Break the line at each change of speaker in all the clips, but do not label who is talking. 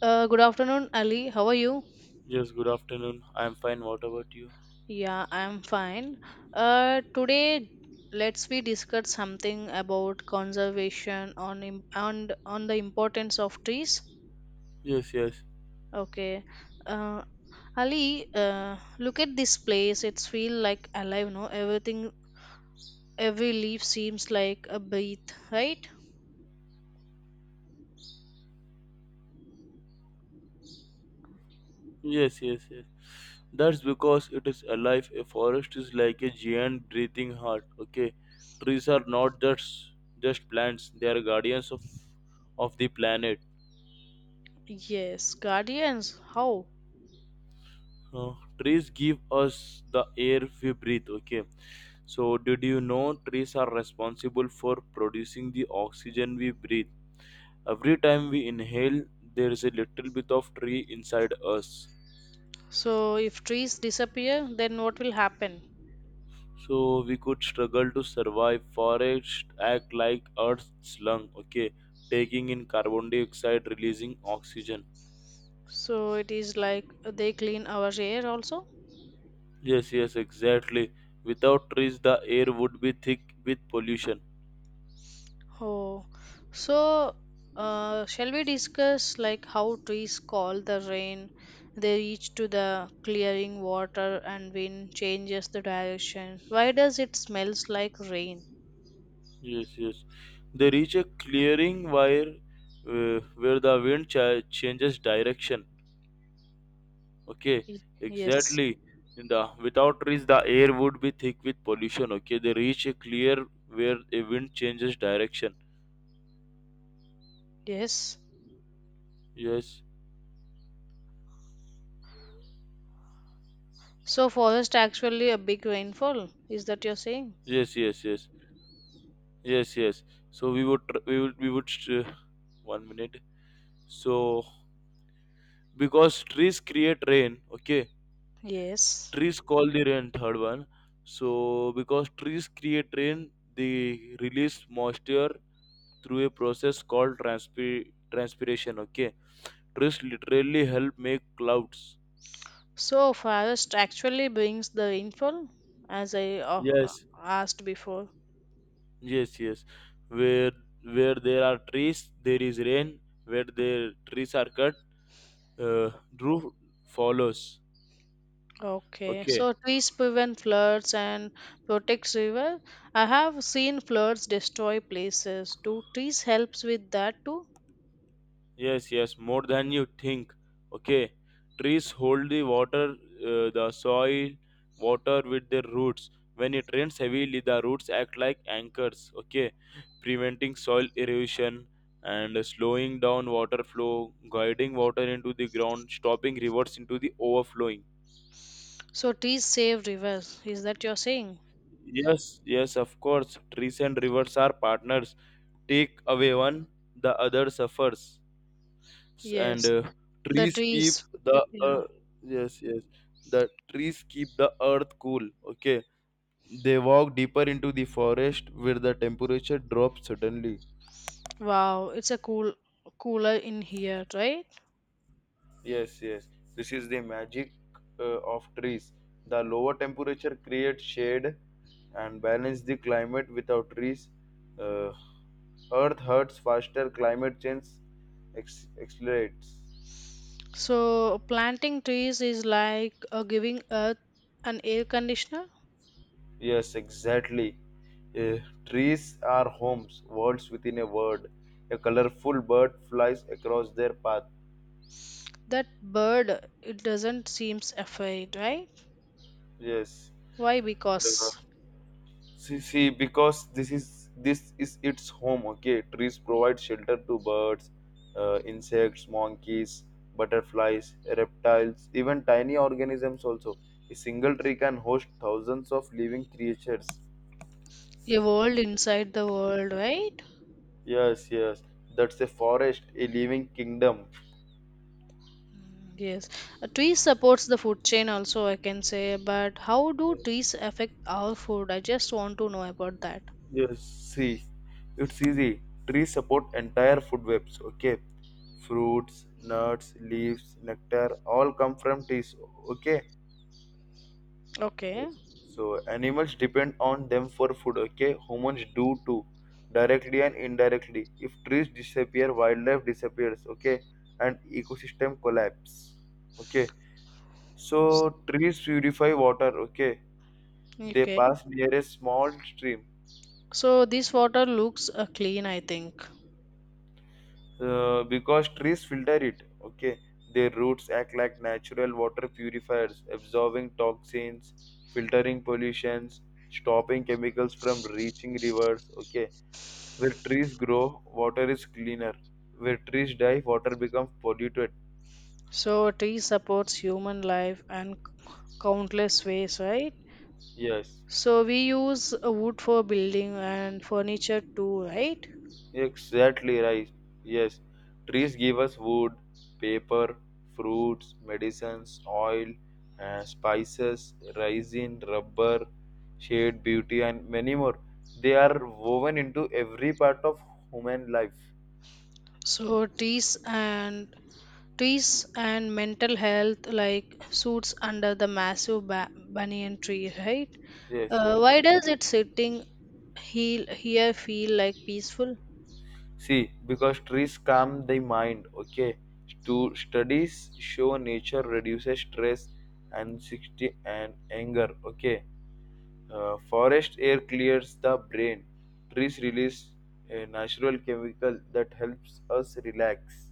Good afternoon, Ali. How are you?
Yes, good afternoon. I am fine. What about you?
Yeah, I'm fine. Today, let's we discuss something about conservation on im- and on the importance of trees.
Yes, yes.
Okay. Uh, Ali, look at this place. It's feel like alive. No, everything, every leaf seems like a breath, right?
Yes, yes, yes. That's because it is alive. A forest is like a giant breathing heart. Okay. Trees are not just plants, they are guardians of the planet.
Yes, guardians. How?
Uh, trees give us the air we breathe, okay? So did you know trees are responsible for producing the oxygen we breathe? Every time we inhale, there is a little bit of tree inside us.
So, if trees disappear, then what will happen?
So we could struggle to survive. Forests act like Earth's lung, okay, taking in carbon dioxide, releasing oxygen.
So it is like they clean our air also.
Yes, yes, exactly. Without trees, the air would be thick with pollution.
Oh, so shall we discuss like how trees call the rain? They reach to the clearing water and wind changes the direction. Why does it smells like rain?
Yes, yes. They reach a clearing where the wind changes direction. Okay,
Y- Yes,
exactly. In the without trees, the air would be thick with pollution. Okay, they reach a clear where a wind changes direction.
yes.
Yes.
So forest actually a big rainfall. Is that you're saying?
Yes, yes, yes, yes, yes. So we would, tr- we would, we would. One minute. So because trees create rain, okay.
Yes.
Trees call the rain. Third one. So because trees create rain, they release moisture through a process called transpiration. Okay. Trees literally help make clouds.
So forest actually brings the rainfall, as I uh,
Yes,
asked before.
yes, yes. Where where there are trees, there is rain. Where the trees are cut, uh, roof follows.
Okay,
Okay.
so trees prevent floods and protects river. I have seen floods destroy places. Do trees helps with that too?
Yes, yes, more than you think. Okay. Trees hold the water, the soil, water with their roots. When it rains heavily, the roots act like anchors. Okay. Preventing soil erosion and slowing down water flow, guiding water into the ground, stopping rivers into the overflowing.
So trees save rivers. Is that you're saying?
Yes, yes, of course. Trees and rivers are partners. Take away one, the other suffers. And
Yes, the
trees keep
trees.
the
Yeah.
ear- yes, yes, the trees keep the earth cool. Okay, they walk deeper into the forest where the temperature drops suddenly.
Wow, it's a cooler in here, right?
Yes, yes. This is the magic of trees. The lower temperature creates shade and balance the climate. Without trees, uh, earth hurts faster. Climate change accelerates.
So planting trees is like giving earth an air conditioner.
Yes, exactly. Eh, trees are homes, words within a word. A colorful bird flies across their path.
That bird, it doesn't seems afraid, right?
Yes.
Why?
Uh,
Because
because this is its home. Okay, trees provide shelter to birds, insects, monkeys, butterflies, reptiles, even tiny organisms. Also, a single tree can host thousands of living creatures.
a world inside the world, right?
Yes, yes, that's a forest, a living kingdom.
Mm, yes. Trees supports the food chain also, I can say. But how do trees affect our food? I just want to know about that.
Yes, see, it's easy. Trees support entire food webs, okay? Fruits, nuts, leaves, nectar, all come from trees, okay?
Okay.
So animals depend on them for food, okay? Humans do too, directly and indirectly. If trees disappear, wildlife disappears, okay? And ecosystem collapse, okay? So trees purify water, okay? They
Okay.
pass near a small stream
So this water looks clean, I think.
because trees filter it. Okay, their roots act like natural water purifiers, absorbing toxins, filtering pollutions, stopping chemicals from reaching rivers. Okay, where trees grow water is cleaner. Where trees die water becomes polluted.
So tree supports human life and countless ways, right?
Yes.
So we use wood for building and furniture too, right?
Exactly right. Yes. Trees give us wood, paper, fruits, medicines, oil, spices, resin, rubber, shade, beauty, and many more. They are woven into every part of human life.
So trees and mental health like suits under the massive banyan tree, right?
Yes, yes.
Why does it sitting heel here feel like peaceful?
See, because trees calm the mind, okay? To studies show nature reduces stress and 60 and anger, okay? Forest air clears the brain. Trees release a natural chemical that helps us relax.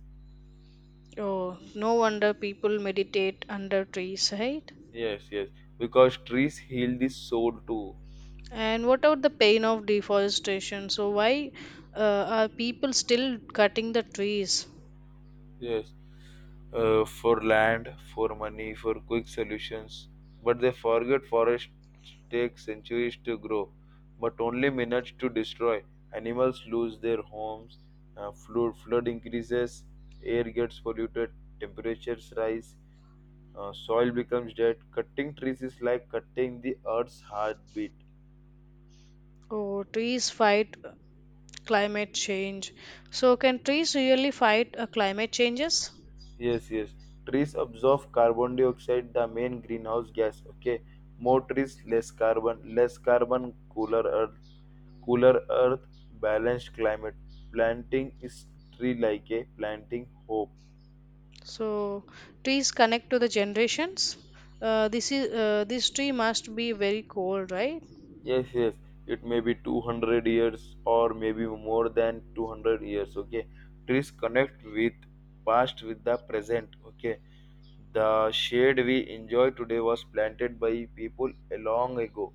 Oh, no wonder people meditate under trees, right?
Yes, yes, because trees heal the soul too.
And what about the pain of deforestation? So why are people still cutting the trees?
Yes, for land, for money, for quick solutions. But they forget forests take centuries to grow, but only minutes to destroy. Animals lose their homes, flood increases, air gets polluted, temperatures rise. Soil becomes dead. Cutting trees is like cutting the earth's heartbeat.
Oh, trees fight climate change. So can trees really fight climate changes?
Yes, yes. Trees absorb carbon dioxide, the main greenhouse gas. Okay, more trees, less carbon, cooler earth, balanced climate. Planting is tree like a planting hope.
So trees connect to the generations. This tree must be very cold, right?
Yes, yes. It may be 200 years or maybe more than 200 years. Okay. Trees connect with past with the present. Okay. The shade we enjoy today was planted by people a long ago.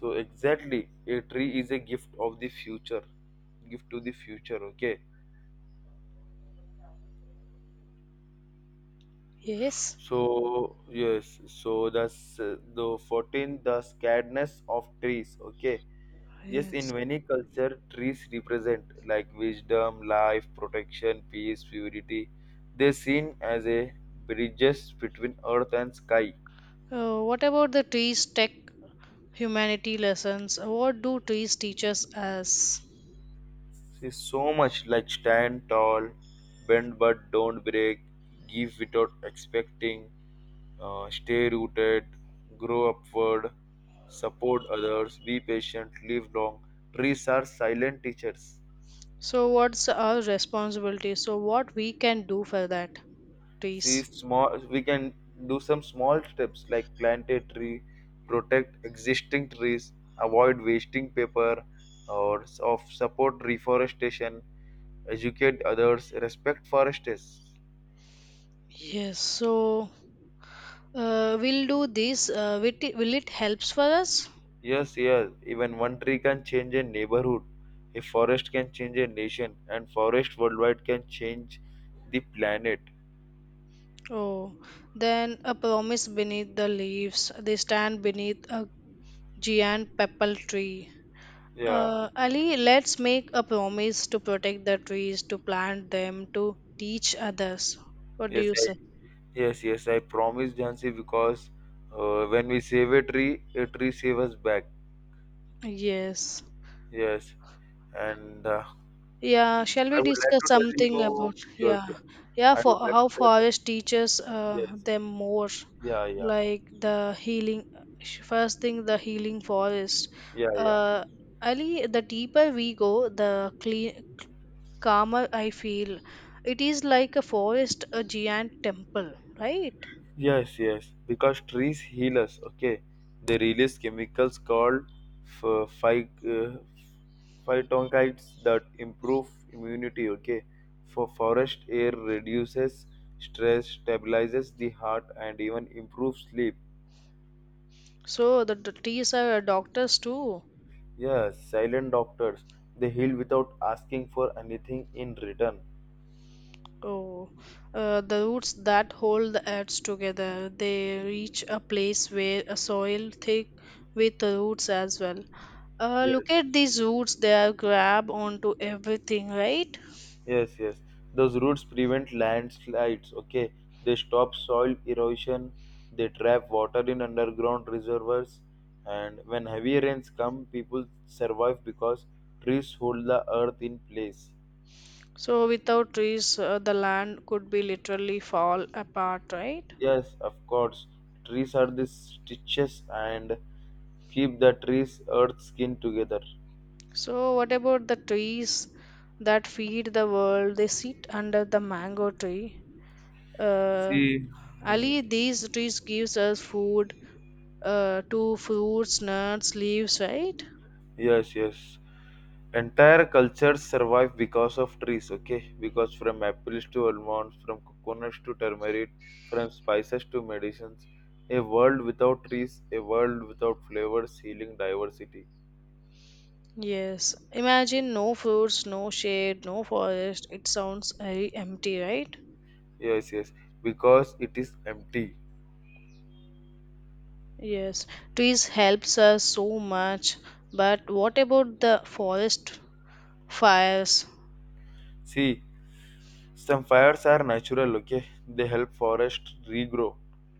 So exactly, a tree is a gift of the future. Gift to the future. Okay.
Yes.
So yes. So the 14 the scaredness of trees. Okay. Yes, in
Yes.
many culture, trees represent like wisdom, life, protection, peace, purity. They seen as a bridges between earth and sky.
What about the trees tech humanity lessons? What do trees teach us as?
See, so much like stand tall, bend but don't break, give without expecting, stay rooted, grow upward, support others, be patient, live long. Trees are silent teachers.
So what's our responsibility? So what we can do for that
See
trees?
small. We can do some small steps like plant a tree, protect existing trees, avoid wasting paper, or s- of support reforestation, educate others, respect forests.
Yes. So we'll do this. Will it helps for us?
Yes, yes. Even one tree can change a neighborhood. A forest can change a nation, and forest worldwide can change the planet.
Oh, then a promise beneath the leaves. They stand beneath a giant papal tree.
Yeah.
Ali, let's make a promise to protect the trees, to plant them, to teach others. What do
Yes,
you say?
yes, yes. I promise, Jansi, because when we save a tree saves us back.
Yes.
Yes, and
Yeah, shall
I
we
would like
discuss
to tell
something
you.
about
Yes,
yeah.
yeah.
Yeah,
I would
for
like to
how
tell.
forest teaches
Yes,
them more
yeah, yeah,
like first thing the healing forest.
yeah, yeah.
Uh Ali, the deeper we go, the clean calmer I feel. It is like a forest, a giant temple, right?
Yes, yes. Because trees heal us. Okay, they release chemicals called ph- phy- uh, phytoncides that improve immunity. Okay, for forest air reduces stress, stabilizes the heart, and even improves sleep.
So the trees are doctors too.
Yes, silent doctors. They heal without asking for anything in return.
Oh, the roots that hold the earth together, they reach a place where a soil thick with the roots as well.
Yes.
Look at these roots, they are grab onto everything, right?
Yes, yes. Those roots prevent landslides, okay? They stop soil erosion, they trap water in underground reservoirs, and when heavy rains come, people survive because trees hold the earth in place.
So without trees, the land could be literally fall apart, right?
Yes, of course. Trees are the stitches and keep the trees earth skin together.
So, what about the trees that feed the world? They sit under the mango tree. Uh,
See. Hmm.
Ali, these trees gives us food, to fruits, nuts, leaves, right?
Yes, yes. Entire cultures survive because of trees, okay? Because from apples to almonds, from coconuts to turmeric, from spices to medicines, a world without trees, a world without flavors, healing diversity.
Yes. Imagine no fruits, no shade, no forest. It sounds very empty, right?
Yes, yes. Because it is empty.
Yes. Trees helps us so much. But what about the forest fires?
See, some fires are natural, okay? They help forest regrow.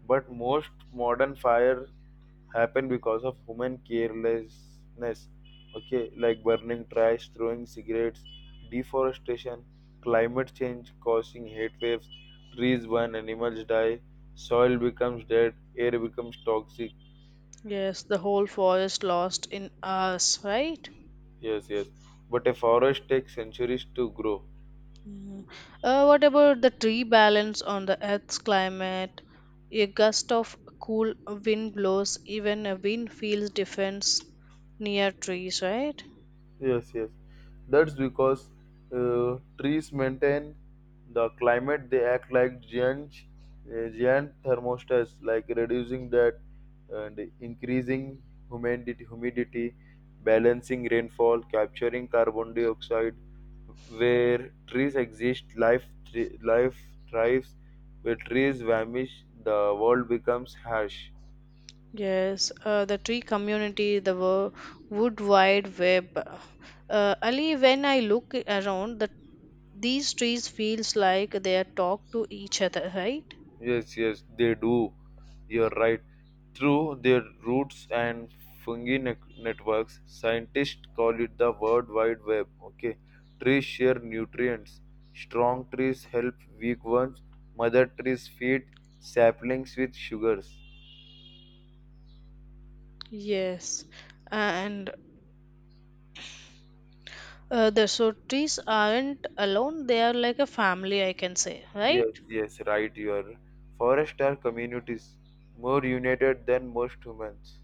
But most modern fire happen because of human carelessness. Okay, like burning trash, throwing cigarettes, deforestation, climate change causing heat waves. Trees burn, animals die, soil becomes dead, air becomes toxic.
Yes, the whole forest lost in us, right?
Yes, yes, but a forest takes centuries to grow.
Mm. What about the tree balance on the Earth's climate? A gust of cool wind blows, even a wind feels difference near trees, right?
Yes, yes. That's because trees maintain the climate. They act like giant thermostats, like reducing that and increasing humidity, balancing rainfall, capturing carbon dioxide. Where trees exist, life thrives. Where trees vanish, the world becomes harsh.
Yes, the tree community, the wood wide web. Ali, when I look around, these trees feels like they are talk to each other, right?
Yes, yes, they do. You're right. Through their roots and fungi networks, scientists call it the World Wide Web. Okay, trees share nutrients. Strong trees help weak ones. Mother trees feed saplings with sugars.
Yes, and the so trees aren't alone; they are like a family, I can say, right?
Yes, yes, right. You are. Forests are communities more united than most humans.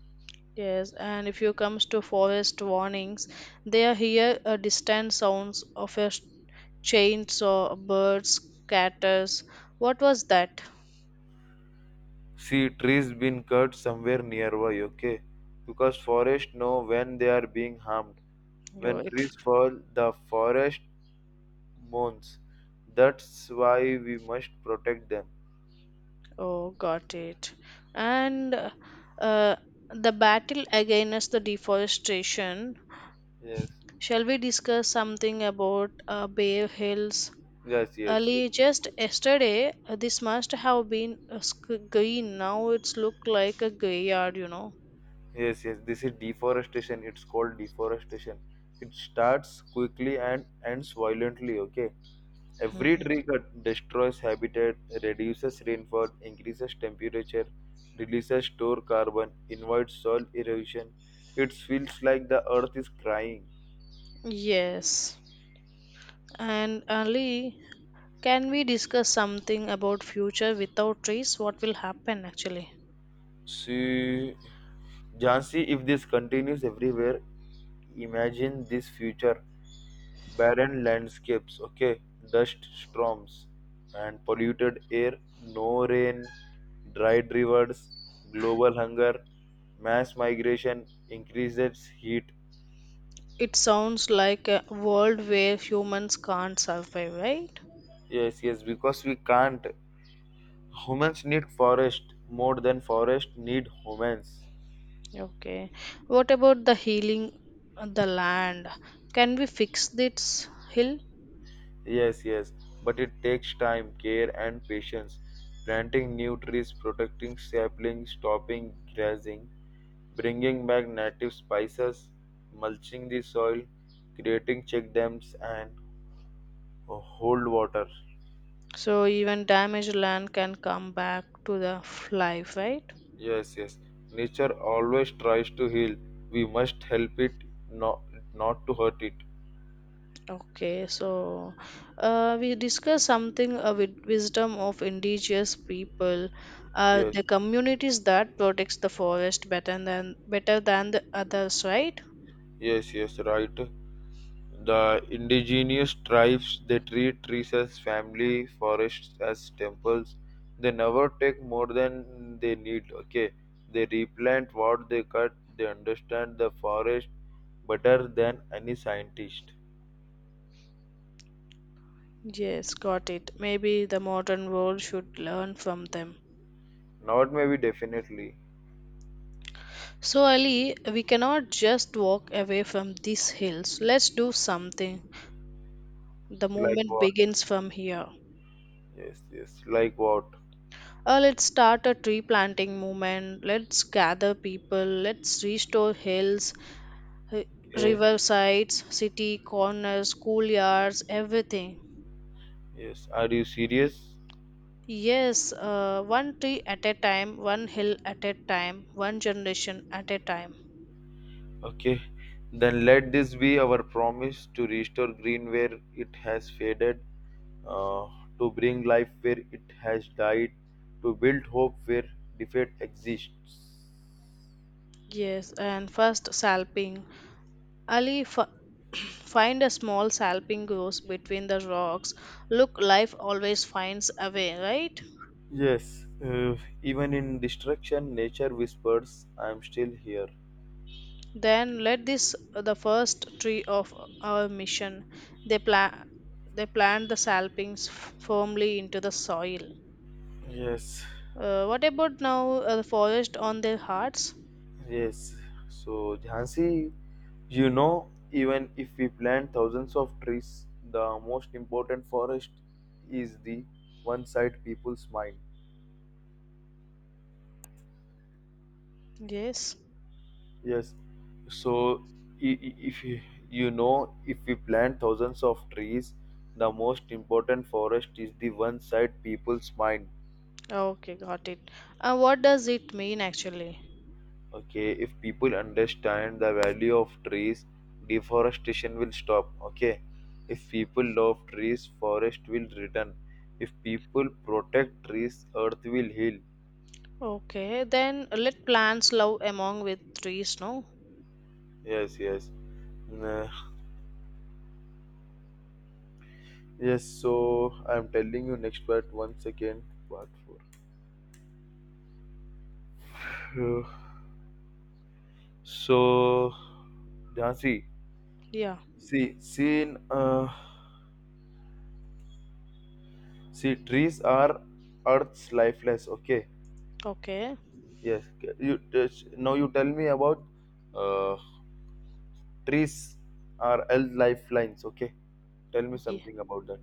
Yes, and if you comes to forest warnings, they hear distant sounds of a chainsaw, birds, catters. What was that?
See, trees been cut somewhere nearby, okay? Because forests know when they are being harmed.
Yo,
When
it.
trees fall, the forest mourns. That's why we must protect them.
Oh, got it. And the battle against the deforestation.
Yes,
Shall we discuss something about Bay Hills?
yes, yes, yes.
Ali,
Of
just
course.
yesterday, this must have been a green. Now it's look like a graveyard, you know.
Yes, yes, this is deforestation. It's called deforestation. It starts quickly and ends violently, okay? Every tree cut destroys habitat, reduces rainfall, increases temperature, releases stored carbon, invites soil erosion. It feels like the earth is crying.
Yes. And Ali, can we discuss something about future without trees? What will happen actually?
See, Jansi, if this continues everywhere, imagine this future. Barren landscapes, okay, dust storms and polluted air, no rain, dried rivers, global hunger, mass migration, increases heat.
It sounds like a world where humans can't survive, right?
Yes, yes, because we can't. Humans need forest more than forest need humans.
Okay. What about the healing of the land? Can we fix this hill?
Yes, yes, but it takes time, care, and patience. Planting new trees, protecting saplings, stopping grazing, bringing back native spices, mulching the soil, creating check dams, and hold water.
So even damaged land can come back to the life, right?
Yes, yes, nature always tries to heal. We must help it, not, not to hurt it.
Okay, so we discuss something with wisdom of indigenous people,
Yes,
the communities that protects the forest better than the others, right?
yes, yes, right. The indigenous tribes they treat trees as family, forests as temples. They never take more than they need. Okay, they replant what they cut. They understand the forest better than any scientist.
Yes, got it. Maybe the modern world should learn from them.
Not maybe definitely.
So Ali, we cannot just walk away from these hills. Let's do something. The
Like
movement
what?
begins from here.
Yes, yes. Like what?
Let's start a tree planting movement. Let's gather people. Let's restore hills ri-
Okay.
riversides, city corners, schoolyards, everything.
Yes. Are you serious?
Yes, one tree at a time, one hill at a time, one generation at a time.
Okay. Then let this be our promise to restore green where it has faded uh, to bring life where it has died, to build hope where defeat exists.
Yes, and first salping. Ali f- Find a small salping grows between the rocks. Look, life always finds a way, right?
Yes, even in destruction, nature whispers, I am still here.
Then let this the first tree of our mission. They plant they plant the salpings firmly into the soil.
Yes,
What about now the forest on their hearts?
yes. So, Jhansi, even if we plant thousands of trees, the most important forest is the one side people's mind.
Yes.
Yes. So, if you, if we plant thousands of trees, the most important forest is the one side people's mind.
Okay, got it. What does it mean actually?
Okay, if people understand the value of trees, deforestation will stop. Okay, if people love trees, forest will return. If people protect trees, earth will heal.
Okay, then let plants love among with trees, no?
Yes, yes. Nah. Yes, so I'm telling you next part. One second, part four. So, yeah,
Yeah.
see, trees are Earth's lifeless. Okay,
Okay.
yes. Now you tell me about uh, trees are Earth's lifelines. Okay, tell me
Yeah.
something about that.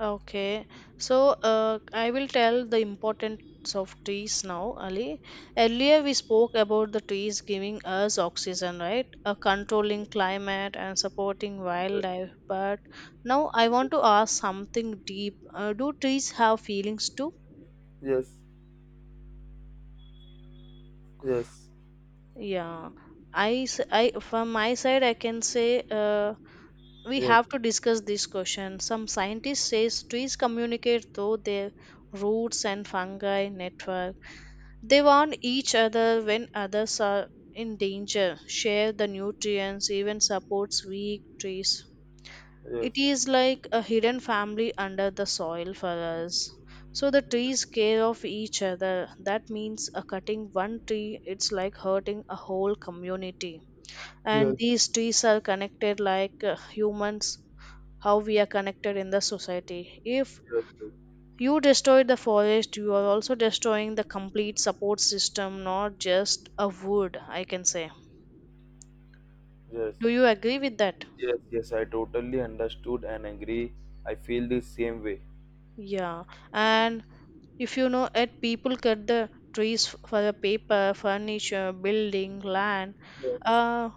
Okay, so I will tell the importance of trees now, Ali. Earlier, we spoke about the trees giving us oxygen, right? Controlling climate and supporting wildlife. But now I want to ask something deep. Do trees have feelings too?
Yes, yes,
Yeah, from my side, I can say we
yes,
have to discuss this question. Some scientists say trees communicate through their roots and fungi network. They warn each other when others are in danger, share the nutrients, even supports weak trees.
yes,
It
yes,
is like a hidden family under the soil for us. So the trees care of each other. That means cutting one tree, it's like hurting a whole community.
yes,
And these trees are connected like humans, how we are connected in the society. If
yes,
you destroy the forest, you are also destroying the complete support system, not just a wood, I can say.
yes,
Do you agree with that?
yes. Yes, I totally understood and agree. I feel the same way.
Yeah, and if you know it, people cut the trees for the paper, furniture, building, land.
Yes,
uh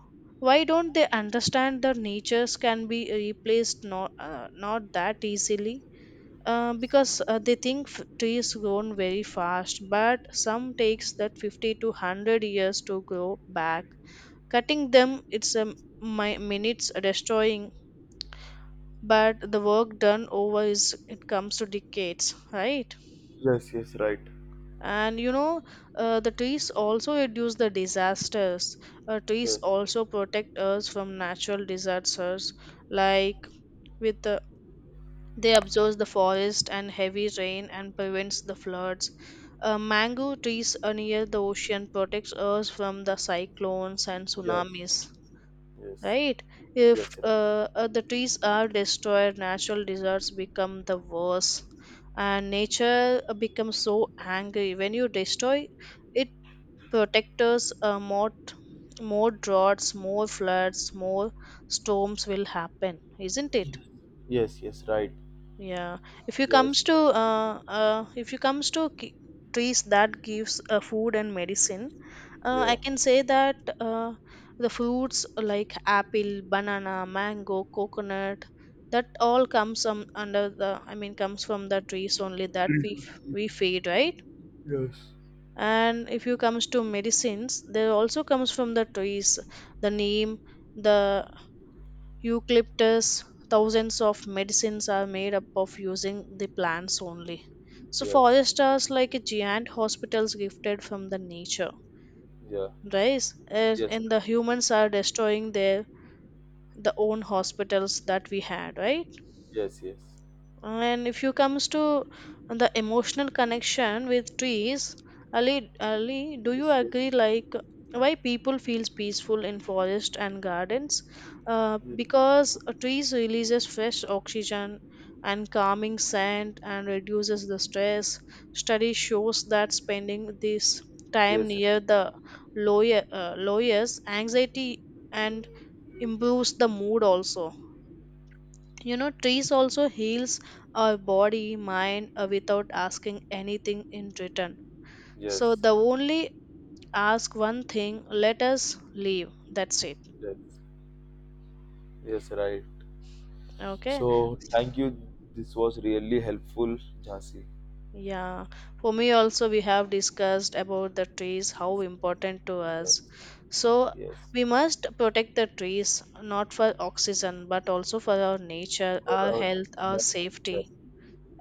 why don't they understand that natures can be replaced, not that easily,
yes,
because they think trees grown very fast, but some takes that 50 to 100 years to grow back. Cutting them it's a minutes destroying, but the work done over is it comes to decades, right?
yes, yes, right.
And you know, the trees also reduce the disasters. Trees
Yes,
also protect us from natural disasters, like with the, they absorb the forest and heavy rain and prevents the floods. Mango trees are near the ocean protects us from the cyclones and
yes,
tsunamis.
yes.
Right, if
Yes, sir.
the trees are destroyed, natural disasters become the worse, and nature becomes so angry when you destroy it, protect us more, more droughts, more floods, more storms will happen, isn't it?
Yes, yes, right.
Yeah,
Yes,
if you comes to trees that gives food and medicine, uh,
yeah,
I can say that uh, the fruits like apple, banana, mango, coconut, that all comes under the I mean comes from the trees only that we feed, right. And if you comes to medicines, they also comes from the trees. The name, the eucalyptus, thousands of medicines are made up of using the plants only, so
yes,
forests are like a giant hospitals gifted from the nature,
yeah,
right? and
yes, sir.
and the humans are destroying their the own hospitals that we had, right?
Yes, yes,
And if you comes to the emotional connection with trees, Ali, Ali, do you
yes, yes,
agree? Like why people feels peaceful in forest and gardens? Uh,
yes,
because uh, trees releases fresh oxygen and calming scent and reduces the stress. Study shows that spending this time
yes, sir.
near the lawyer, lawyers anxiety and improves the mood also. You know trees also heals our body mind without asking anything in return,
Yes,
so the only ask one thing, let us leave, that's it.
yes, yes, right.
Okay.
So, thank you. This was really helpful, Jhansi.
Yeah, for me also we have discussed about the trees how important to
Yes,
us, so
yes,
we must protect the trees not for oxygen but also for our nature,
for
our
our
health, our
entire future.
safety,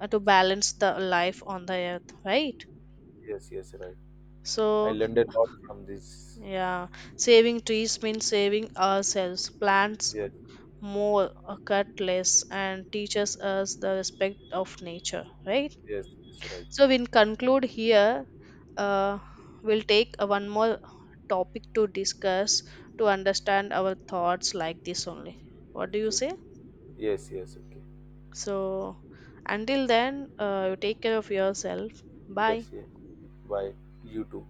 to balance the life on the earth, right?
yes, yes, right. I
So
learned a lot from this.
yeah, saving trees means saving ourselves. Plants
Yes,
more, cut less, and teaches us the respect of nature, right?
yes, yes, right.
So we'll conclude here. Uh, we'll take one more topic to discuss to understand our thoughts like this only. What do you
Okay.
say?
Yes, yes, okay.
So until then, you take care of yourself. Bye.
Yes, yes. Bye. You too.